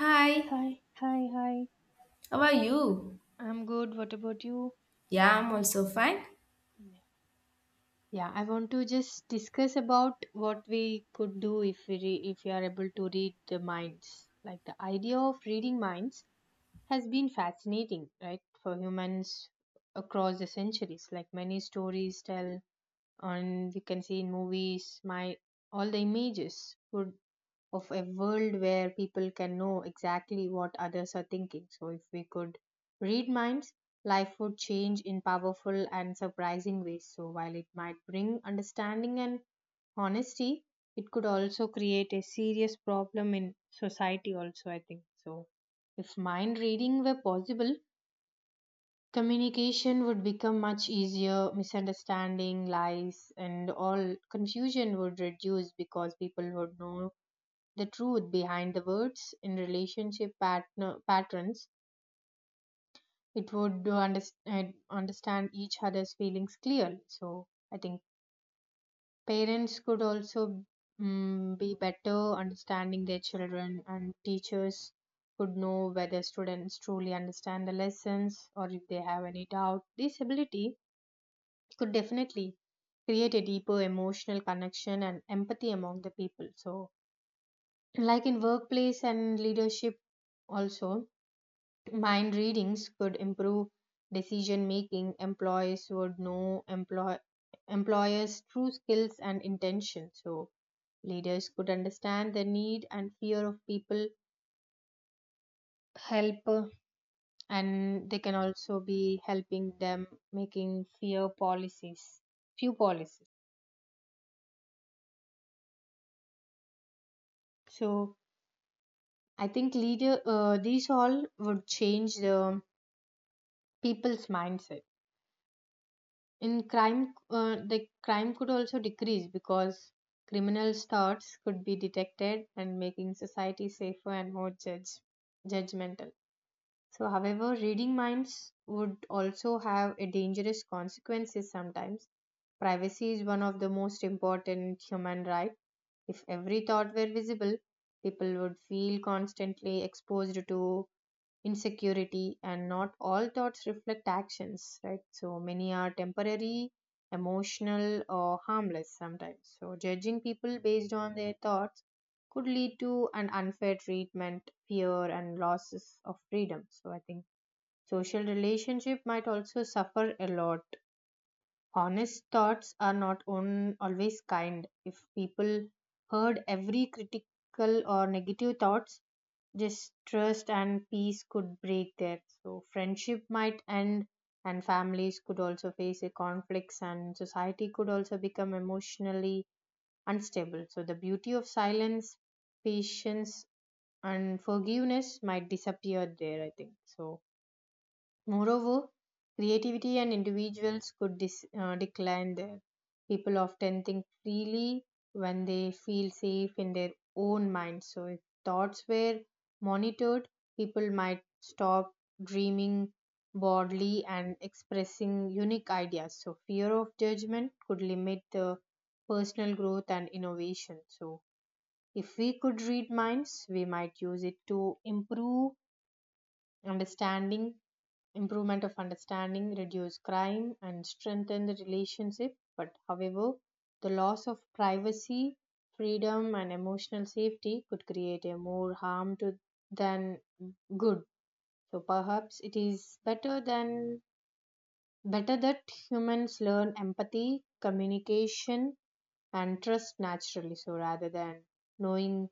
Hi, Hi, hi, hi. how are you? I'm good. What about you? Yeah, I'm also fine. Yeah, I want to just discuss about what we could do if we are able to read the minds. Like the idea of reading minds has been fascinating, right, for humans across the centuries. Like many stories tell and we can see in movies my all the images would of a world where people can know exactly what others are thinking, so if we could read minds, life would change in powerful and surprising ways. So while it might bring understanding and honesty, it could also create a serious problem in society also, I think. So if mind reading were possible, communication would become much easier. Misunderstanding, lies, and all confusion would reduce because people would know the truth behind the words in relationship patterns. It would do understand each other's feelings clearly. So, I think parents could also be better understanding their children, and teachers could know whether students truly understand the lessons or if they have any doubt. This ability could definitely create a deeper emotional connection and empathy among the people. So like in workplace and leadership also, mind readings could improve decision making. Employees would know employers' true skills and intentions. So leaders could understand the need and fear of people, help and they can also be helping them making fear policies few policies. So I think leader these all would change the people's mindset. In crime, the crime could also decrease because criminals' thoughts could be detected, and making society safer and more judge judgmental. So, however, reading minds would also have a dangerous consequences sometimes. Privacy is one of the most important human right. If every thought were visible, people would feel constantly exposed to insecurity, and not all thoughts reflect actions, right? So many are temporary, emotional, or harmless sometimes. So judging people based on their thoughts could lead to an unfair treatment, fear, and losses of freedom. So I think social relationship might also suffer a lot. Honest thoughts are not on always kind. If people heard every critical or negative thoughts, distrust and peace could break there. So friendship might end and families could also face a conflicts, and society could also become emotionally unstable. So the beauty of silence, patience, and forgiveness might disappear there, I think. So moreover, creativity and individuals could decline there. People often think freely when they feel safe in their own minds. So, if thoughts were monitored, people might stop dreaming broadly and expressing unique ideas. So, fear of judgment could limit the personal growth and innovation. So, if we could read minds, we might use it to improve understanding, improvement of understanding, reduce crime, and strengthen the relationship. But however, the loss of privacy, freedom, and emotional safety could create a more harm to than good. So perhaps it is better than better that humans learn empathy, communication, and trust naturally. So rather than knowing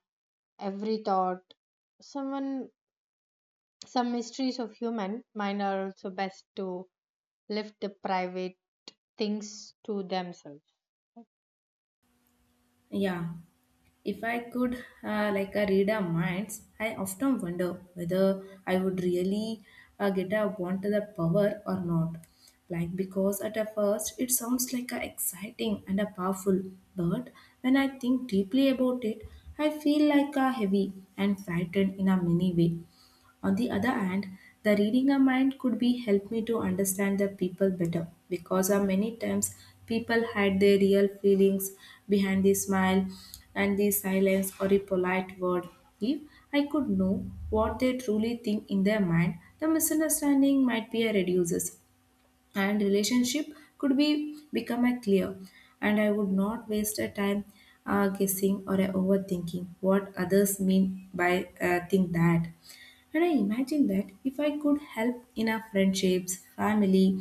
every thought someone, some mysteries of human mind are also best to left the private things to themselves. Yeah, if I could like read our minds, I often wonder whether I would really get a wanted the power or not. Like because at a first it sounds like a exciting and a powerful, but when I think deeply about it, I feel like a heavy and frightened in a many way. On the other hand, the reading a mind could be help me to understand the people better because many times people hide their real feelings behind the smile and the silence or a polite word. If I could know what they truly think in their mind, the misunderstanding might be a reduces and relationship could be become a clear, and I would not waste a time guessing or a overthinking what others mean by think that, and I imagine that if I could help in our friendships, family,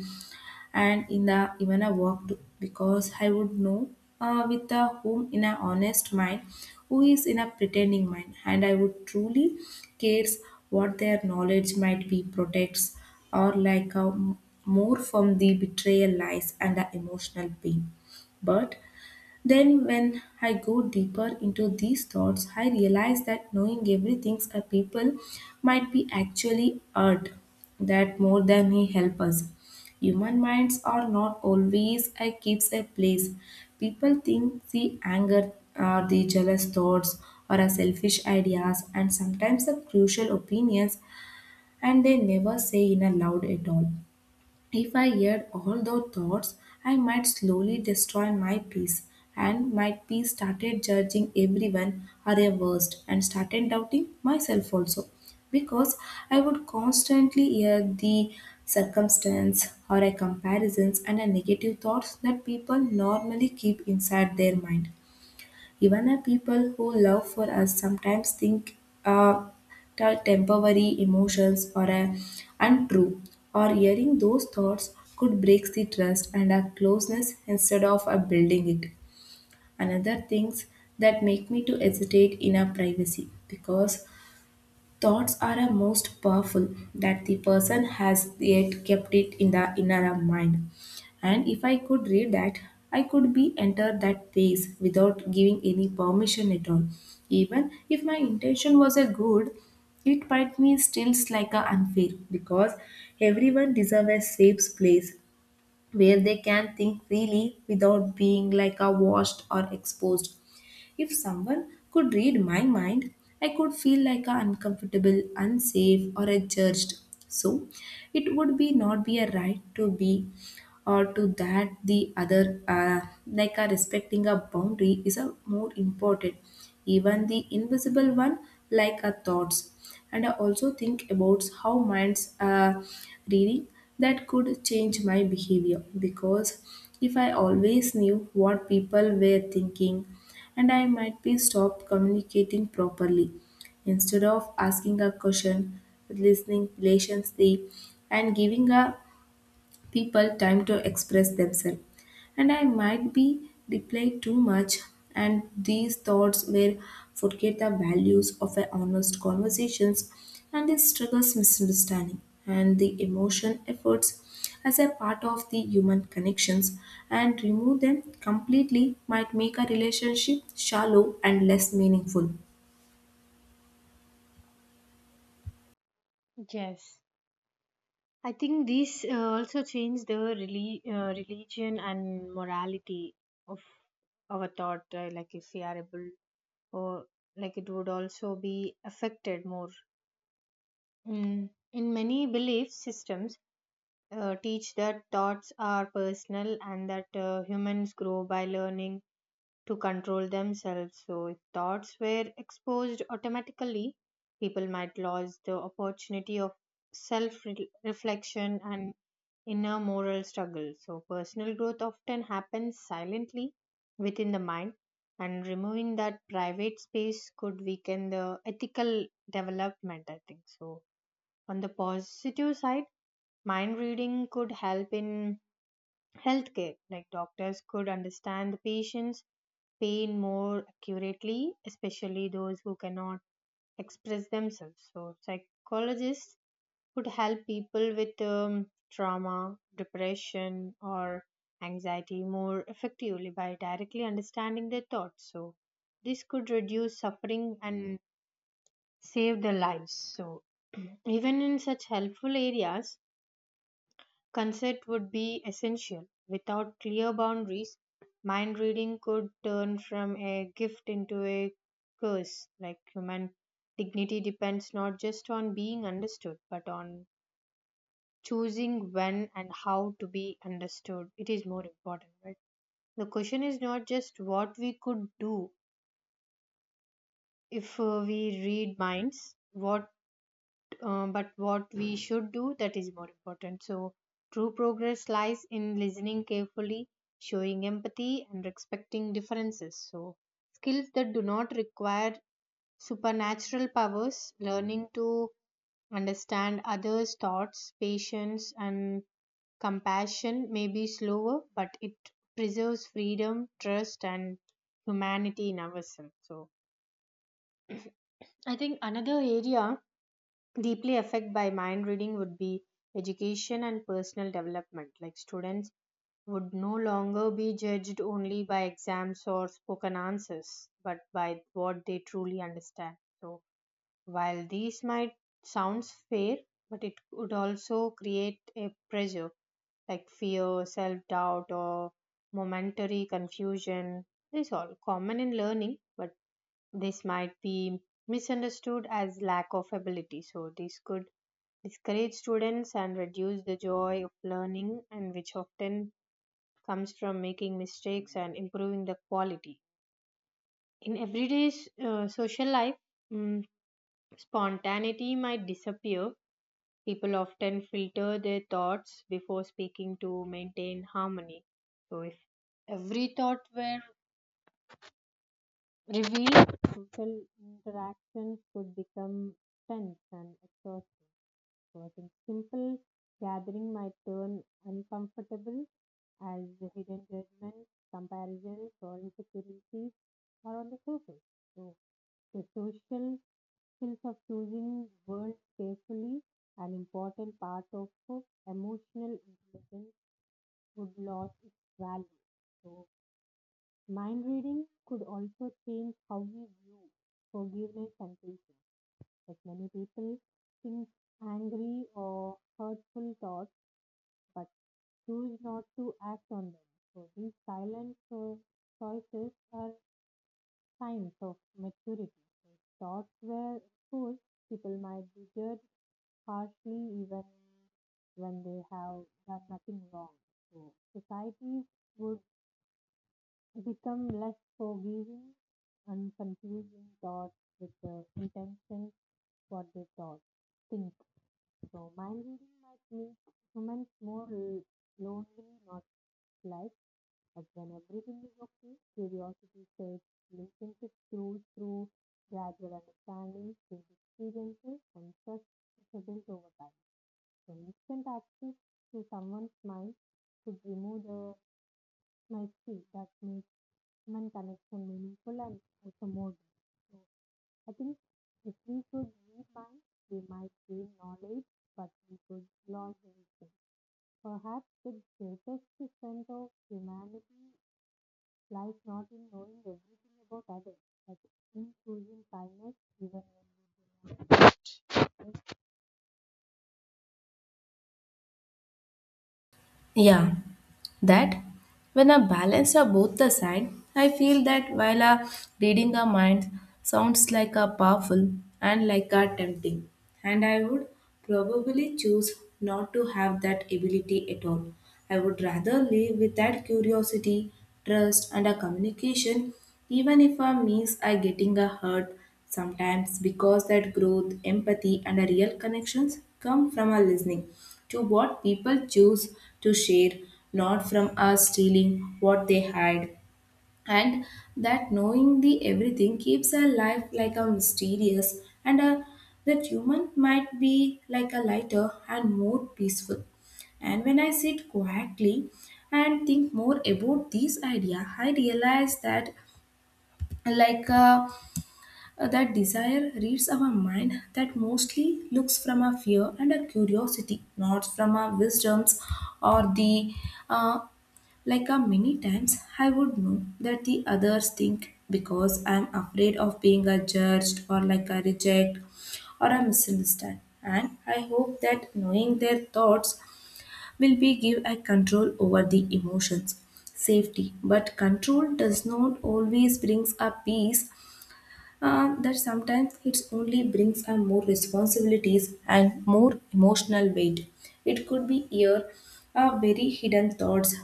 and in the even a work, too, because I would know with the whom in a honest mind, who is in a pretending mind, and I would truly cares what their knowledge might be protects or like a, more from the betrayal, lies, and the emotional pain. But then, when I go deeper into these thoughts, I realize that knowing everything a people might be actually hurt that more than he help us. Human minds are not always a keeps a place. People think the anger or the jealous thoughts or a selfish ideas and sometimes the crucial opinions, and they never say in a loud at all. If I heard all those thoughts, I might slowly destroy my peace, and my peace started judging everyone are a worst and started doubting myself also, because I would constantly hear the circumstance or a comparisons and a negative thoughts that people normally keep inside their mind. Even a people who love for us sometimes think uh, that temporary emotions are untrue, or hearing those thoughts could break the trust and our closeness instead of building it. Another things that make me to hesitate in our privacy, because thoughts are a most powerful that the person has yet kept it in the inner mind. And if I could read that, I could be enter that place without giving any permission at all. Even if my intention was a good, it might me still like a unfair, because everyone deserves a safe place where they can think freely without being like a washed or exposed. If someone could read my mind, I could feel like a uncomfortable, unsafe, or a judged. So it would be not be a right to be or to that the other like a respecting a boundary is a more important, even the invisible one like a thoughts. And I also think about how minds reading that could change my behavior, because if I always knew what people were thinking, and I might be stopped communicating properly instead of asking a question, listening patiently, and giving a people time to express themselves. And I might be replayed too much, and these thoughts will forget the values of a honest conversations, and this struggles, misunderstanding and the emotion efforts as a part of the human connections, and remove them completely might make a relationship shallow and less meaningful. Yes. I think these also change the religion and morality of our thought. Like if we are able, or like it would also be affected more. Mm. In many belief systems, teach that thoughts are personal, and that humans grow by learning to control themselves. So, if thoughts were exposed automatically, people might lose the opportunity of self reflection and inner moral struggle. So, personal growth often happens silently within the mind, and removing that private space could weaken the ethical development, I think. So, on the positive side, mind reading could help in healthcare, like doctors could understand the patients' pain more accurately, especially those who cannot express themselves. So, psychologists could help people with trauma, depression, or anxiety more effectively by directly understanding their thoughts. So, this could reduce suffering and save their lives. So, even in such helpful areas, consent would be essential. Without clear boundaries, mind reading could turn from a gift into a curse. Like human dignity depends not just on being understood, but on choosing when and how to be understood. It is more important, right? The question is not just what we could do if we read minds, what but what we should do, that is more important. So true progress lies in listening carefully, showing empathy, and respecting differences. So skills that do not require supernatural powers, learning to understand others thoughts, patience, and compassion may be slower, but it preserves freedom, trust, and humanity in ourselves. So I think another area deeply affected by mind reading would be education and personal development. Like students would no longer be judged only by exams or spoken answers, but by what they truly understand. So while these might sounds fair, but it would also create a pressure like fear, self doubt, or momentary confusion. These all common in learning, but this might be misunderstood as lack of ability, so this could discourage students and reduce the joy of learning, and which often comes from making mistakes and improving the quality. In everyday social life, mm, spontaneity might disappear. People often filter their thoughts before speaking to maintain harmony. So if every thought were revealed, social interactions could become tense and exhausting. So I think simple gathering might turn uncomfortable as hidden judgments, comparisons, or insecurities are on the surface. So, the social skills of choosing words carefully, an important part of emotional intelligence, would lose its value. So, mind reading could also change how we view forgiveness and patience. Like many people think angry or hurtful thoughts, but choose not to act on them. So these silent choices are signs of maturity. If thoughts were exposed, people might be judged harshly even when they have done nothing wrong. So societies would become less forgiving, and confusing thoughts with the intention, what they thought think. So mind reading might make humans more lonely, not like. But when everything is okay, curiosity says, listen to through gradual understanding, change experiences, and trust built over time. So instant access to someone's mind could remove the mystery that makes human connection meaningful and also more deep. So I think if we could read minds, we might gain knowledge, but we could lose wisdom. Perhaps the greatest strength of humanity, like not in knowing everything about others, but in choosing kindness even when Yeah, that when I balance of both the side, I feel that while a reading a mind sounds like a powerful and like a tempting, and I would probably choose not to have that ability at all. I would rather live with that curiosity, trust, and a communication, even if a means I getting a hurt sometimes, because that growth, empathy, and a real connections come from our listening to what people choose to share, not from us stealing what they hide. And that knowing the everything keeps our life like a mysterious and a, that human might be like a lighter and more peaceful. And when I sit quietly and think more about this idea, I realize that like a that desire reads our mind that mostly looks from a fear and a curiosity, not from our wisdoms or the uh, like a many times I would know that the others think because I'm afraid of being a judged or like a reject or a misunderstood. And I hope that knowing their thoughts will be give a control over the emotions safety, but control does not always brings a peace. That sometimes it only brings a more responsibilities and more emotional weight. It could be here a very hidden thoughts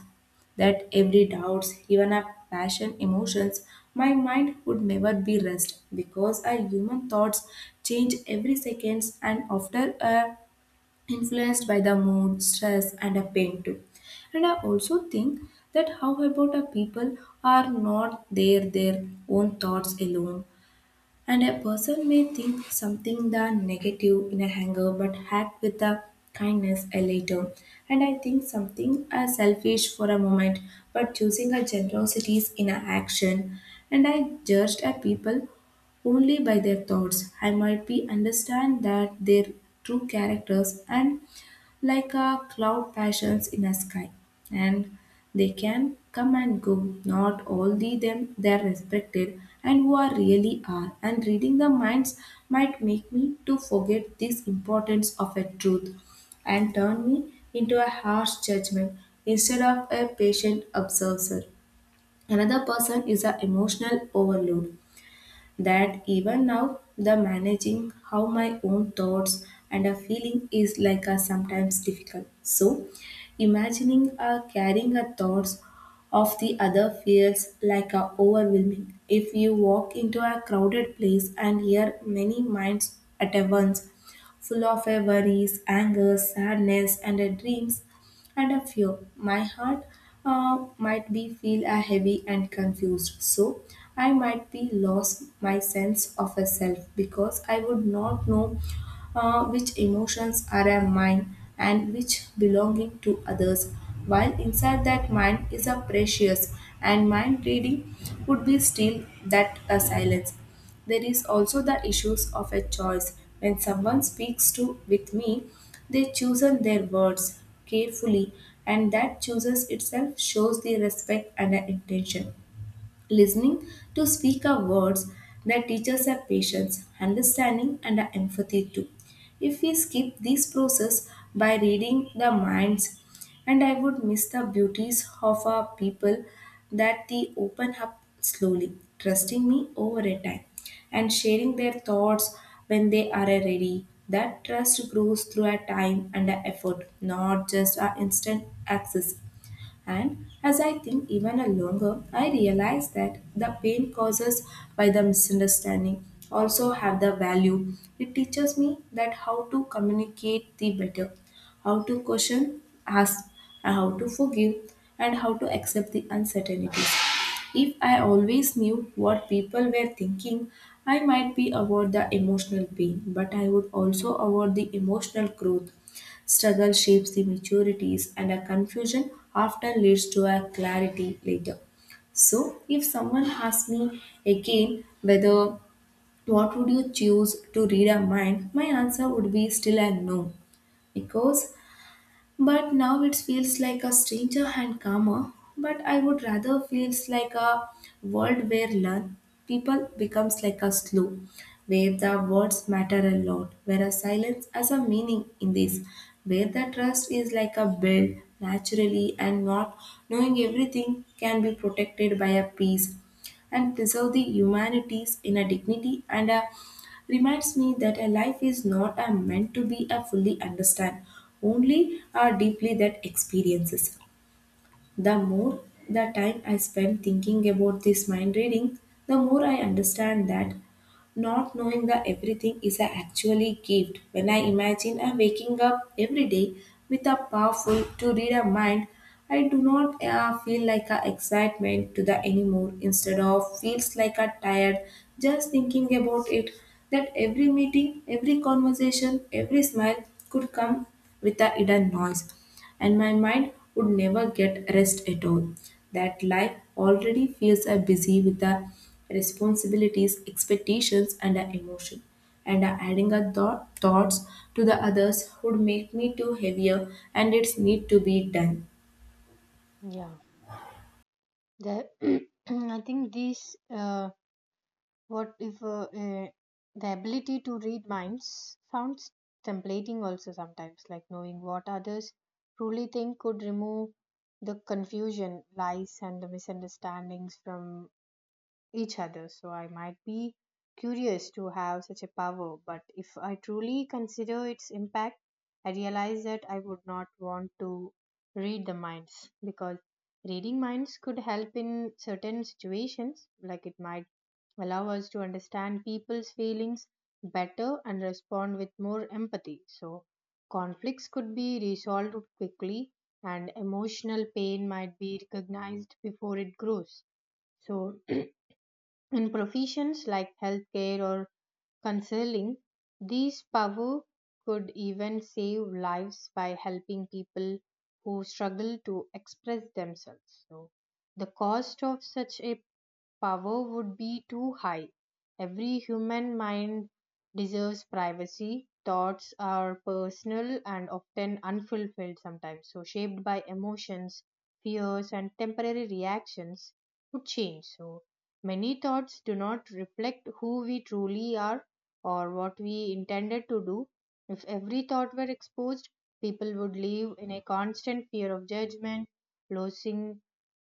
that every doubts, even a passion, emotions, my mind would never be rest because our human thoughts change every seconds and often are influenced by the mood, stress, and a pain too. And I also think that how about a people are not their own thoughts alone, and a person may think something the negative in a anger but act with the kindness a later. And I think something as selfish for a moment but choosing a generosity in a action. And I judged a people only by their thoughts. I might be understand that their true characters and like a cloud passions in a sky, and they can come and go, not only them they are respected and who are really are, and reading the minds might make me to forget this importance of a truth and turn me into a harsh judgment instead of a patient observer. Another person is an emotional overload that even now the managing how my own thoughts and a feeling is like a sometimes difficult, so imagining a carrying a thoughts of the other feels like a overwhelming. If you walk into a crowded place and hear many minds at once, full of a worries, anger, sadness and a dreams and a fear, my heart might be feel a heavy and confused. So I might be lost my sense of a self because I would not know which emotions are a mine and which belonging to others, while inside that mind is a precious and mind reading would be still that a silence. There is also the issues of a choice. When someone speaks to with me, they chosen their words carefully, and that chooses itself shows the respect and the intention. Listening to speaker words that teach us patience, understanding, and our empathy too. If we skip this process by reading the minds, and I would miss the beauties of our people that they open up slowly, trusting me over a time, and sharing their thoughts when they are ready. That trust grows through our time and our effort, not just our instant access. And as I think even a longer, I realize that the pain causes by the misunderstanding also have the value. It teaches me that how to communicate the better, how to question, ask, and how to forgive, and how to accept the uncertainties. If I always knew what people were thinking, I might be avoid the emotional pain, but I would also avoid the emotional growth. Struggle shapes the maturities, and a confusion often leads to a clarity later. So, if someone asks me again whether what would you choose to read a mind, my answer would be still a no, because but now it feels like a stranger and calmer. But I would rather feels like a world where learn people becomes like a slow, where the words matter a lot, where a silence has a meaning in this, where the trust is like a build naturally, and not knowing everything can be protected by a peace and preserve the humanities in a dignity and a reminds me that a life is not a meant to be a fully understand, only a deeply that experiences. The more the time I spend thinking about this mind reading, the more I understand that not knowing the everything is a actually gift. When I imagine I'm waking up every day with a powerful to read a mind, I do not feel like a excitement to the anymore. Instead of feels like a tired just thinking about it. That every meeting, every conversation, every smile could come with a hidden noise, and my mind would never get rest at all. That life already feels a busy with the responsibilities, expectations, and the emotion. And adding thoughts to the others would make me too heavier, and it's need to be done. yeah. I think this what if the ability to read minds sounds templating also sometimes. Like knowing what others truly think could remove the confusion, lies, and the misunderstandings from each other. So I might be curious to have such a power, but if I truly consider its impact, I realize that I would not want to read the minds. Because reading minds could help in certain situations, like it might allow us to understand people's feelings better and respond with more empathy. So conflicts could be resolved quickly, and emotional pain might be recognized before it grows. So in professions like healthcare or counseling, these power could even save lives by helping people who struggle to express themselves. So, the cost of such a power would be too high. Every human mind deserves privacy. Thoughts are personal and often unfulfilled sometimes, so shaped by emotions, fears, and temporary reactions to change. So many thoughts do not reflect who we truly are or what we intended to do. If every thought were exposed, people would live in a constant fear of judgment, losing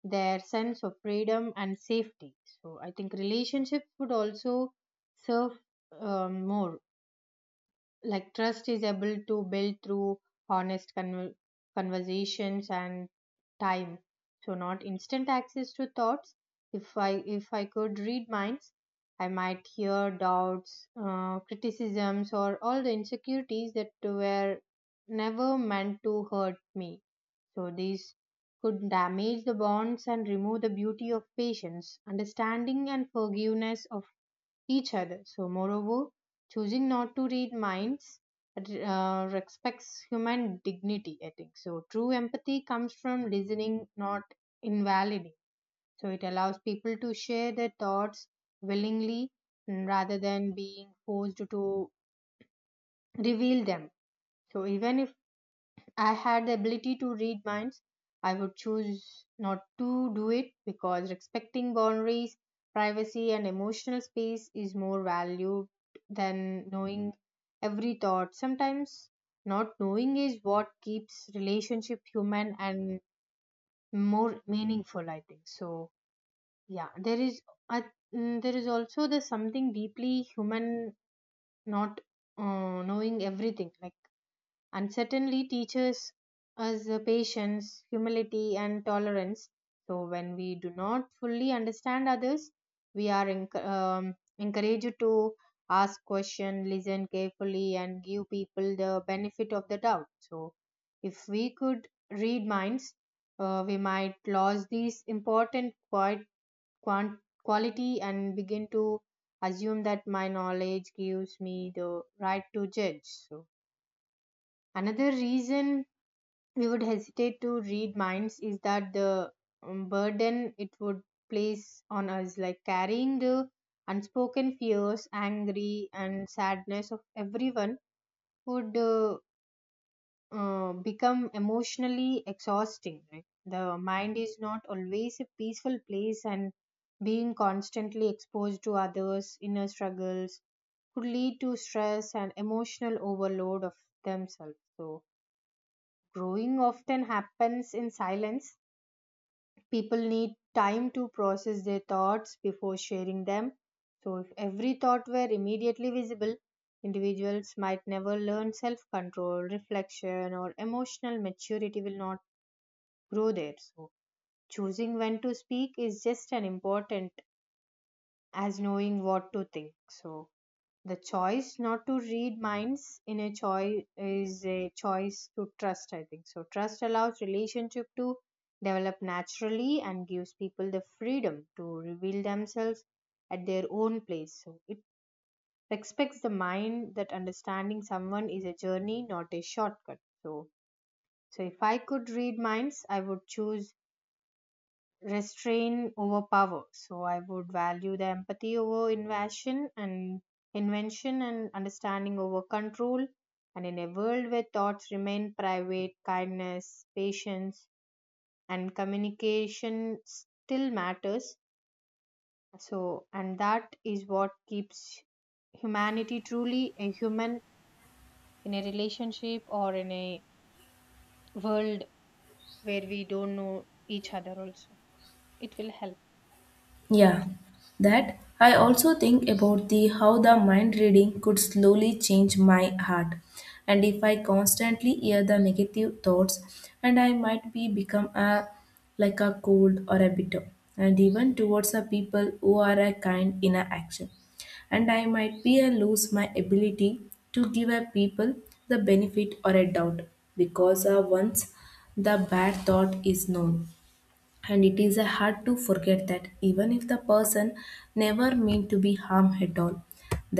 their sense of freedom and safety. So I think relationships would also serve more, like trust is able to build through honest conversations and time, so not instant access to thoughts. If i if I could read minds, I might hear doubts, criticisms, or all the insecurities that were never meant to hurt me. So these could damage the bonds and remove the beauty of patience, understanding, and forgiveness of each other. So, moreover, choosing not to read minds respects human dignity, I think. So, true empathy comes from listening, not invalidating. So, it allows people to share their thoughts willingly, rather than being forced to reveal them. So, even if I had the ability to read minds, I would choose not to do it, because respecting boundaries, privacy, and emotional space is more valued than knowing every thought. Sometimes not knowing is what keeps relationship human and more meaningful. I think so. Yeah, there is. I, there is also the something deeply human, not knowing everything, like and certainly teaches us patience, humility, and tolerance. So, when we do not fully understand others, we are encouraged to ask questions, listen carefully, and give people the benefit of the doubt. So, if we could read minds, we might lose these important quality and begin to assume that my knowledge gives me the right to judge. So, another reason we would hesitate to read minds is that the burden it would place on us, like carrying the unspoken fears, angry, and sadness of everyone would become emotionally exhausting, right? The mind is not always a peaceful place, and being constantly exposed to others inner struggles could lead to stress and emotional overload of themselves. So growing often happens in silence. People need time to process their thoughts before sharing them. So, if every thought were immediately visible, individuals might never learn self control, reflection, or emotional maturity will not grow there. So, choosing when to speak is just as important as knowing what to think. So, the choice not to read minds in a choice is a choice to trust, I think. So trust allows relationship to develop naturally and gives people the freedom to reveal themselves at their own place. So it expects the mind that understanding someone is a journey, not a shortcut. So if I could read minds, I would choose restrain over power. So I would value the empathy over invasion and invention and understanding over control. And in a world where thoughts remain private, kindness, patience, and communication still matters. So, and that is what keeps humanity truly a human in a relationship or in a world where we don't know each other, also. It will help. I Yeah, think. that I also think about the how the mind reading could slowly change my heart. And if I constantly hear the negative thoughts, and I might be become a like a cold or a bitter, and even towards the people who are a kind in a action. And I might be a lose my ability to give a people the benefit or a doubt because once the bad thought is known and it is hard to forget that. Even if the person never meant to be harm at all,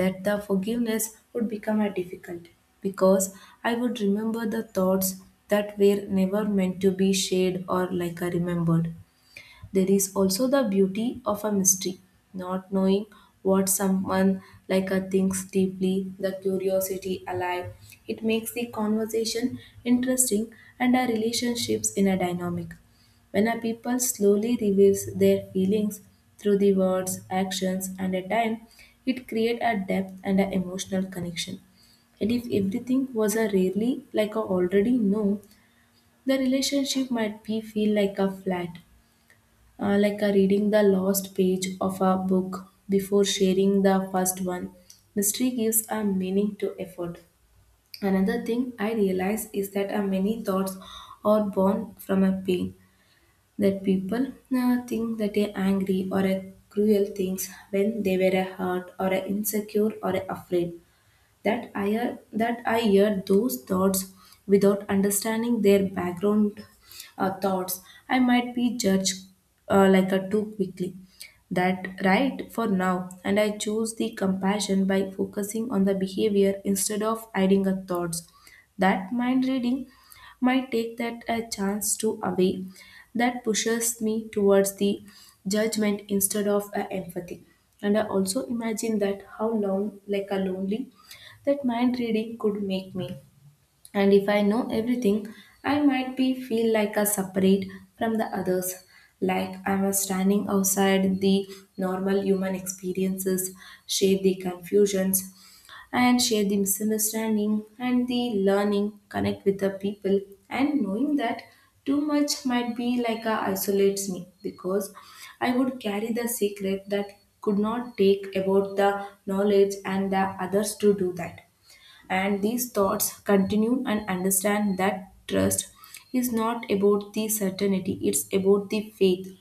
that the forgiveness would become a difficult, because I would remember the thoughts that were never meant to be shared, or like I remembered, there is also the beauty of a mystery, not knowing what someone like a thinks deeply, the curiosity alive. It makes the conversation interesting and our relationships in a dynamic. When a people slowly reveals their feelings through the words, actions, and a time, it creates a depth and an emotional connection. And if everything was a rarely like a already know, the relationship might be feel like a flat, like a reading the last page of a book before sharing the first one. Mystery gives a meaning to effort. Another thing I realize is that many thoughts are born from a pain that people think that they are angry or a cruel things when they were a hurt or a insecure or a afraid. That I hear those thoughts without understanding their background thoughts, I might be judged like a too quickly. That right for now, and I choose the compassion by focusing on the behavior instead of hiding a thoughts. That mind reading might take that a chance to away, that pushes me towards the judgment instead of a empathy. And I also imagine that how long like a lonely that mind reading could make me. And if I know everything, I might be feel like a separate from the others, like I was standing outside the normal human experiences, share the confusions and share the misunderstanding and the learning, connect with the people and knowing that too much might be like a isolates me, because I would carry the secret that could not take about the knowledge and the others to do that, and these thoughts continue and understand that trust is not about the certainty, it's about the faith.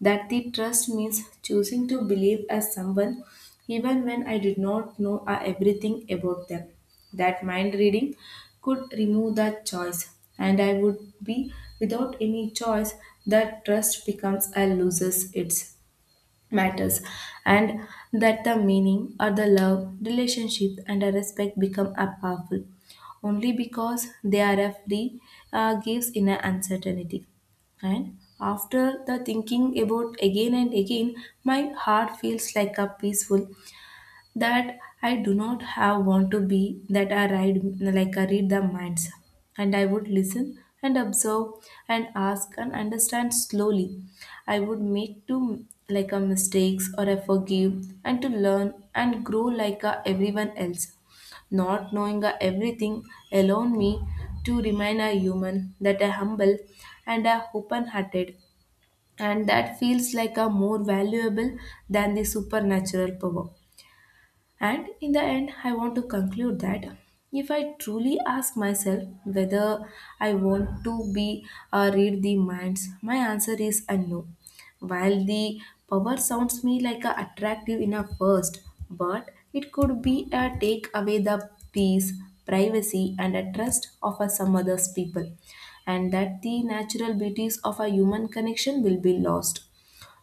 That the trust means choosing to believe as someone even when I did not know everything about them. That mind reading could remove that choice, and I would be without any choice, that trust becomes a loses its matters, and that the meaning or the love, relationship, and the respect become a powerful only because they are a free, gives in an uncertainty. And after the thinking about again and again, my heart feels like a peaceful, that I do not have want to be, that I ride like I read the minds, and I would listen and observe and ask and understand slowly. I would make to like a mistakes or I forgive and to learn and grow like a everyone else. Not knowing a everything alone me to remain a human, that I humble and a open hearted, and that feels like a more valuable than the supernatural power. And in the end, I want to conclude that if I truly ask myself whether I want to be or read the minds, my answer is a no. While the power sounds me like a attractive enough first, but it could be a take away the peace, privacy, and a trust of a some others people, and that the natural beauties of a human connection will be lost.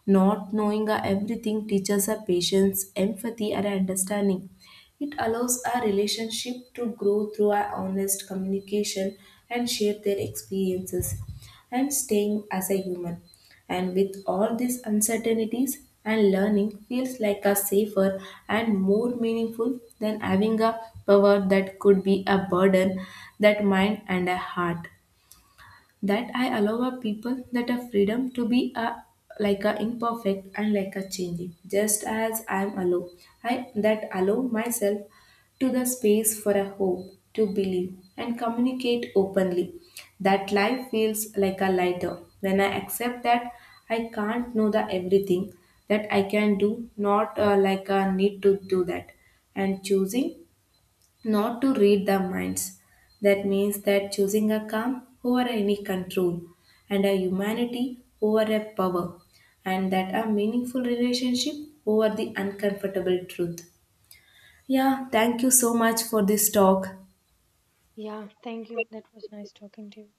Not knowing a everything teaches a patience, empathy, and understanding. It allows a relationship to grow through a honest communication and share their experiences and staying as a human. And with all these uncertainties and learning feels like a safer and more meaningful than having a power that could be a burden, that mind and a heart, that I allow a people that a freedom to be a like a imperfect and like a changing, just as I am allow. I that allow myself to the space for a hope to believe and communicate openly. That life feels like a lighter when I accept that I can't know the everything, that I can do, not like a need to do that, and choosing not to read their minds. That means that choosing a calm over any control, and a humanity over a power, and that a meaningful relationship over the uncomfortable truth. Yeah, thank you so much for this talk. Yeah, thank you. That was nice talking to you.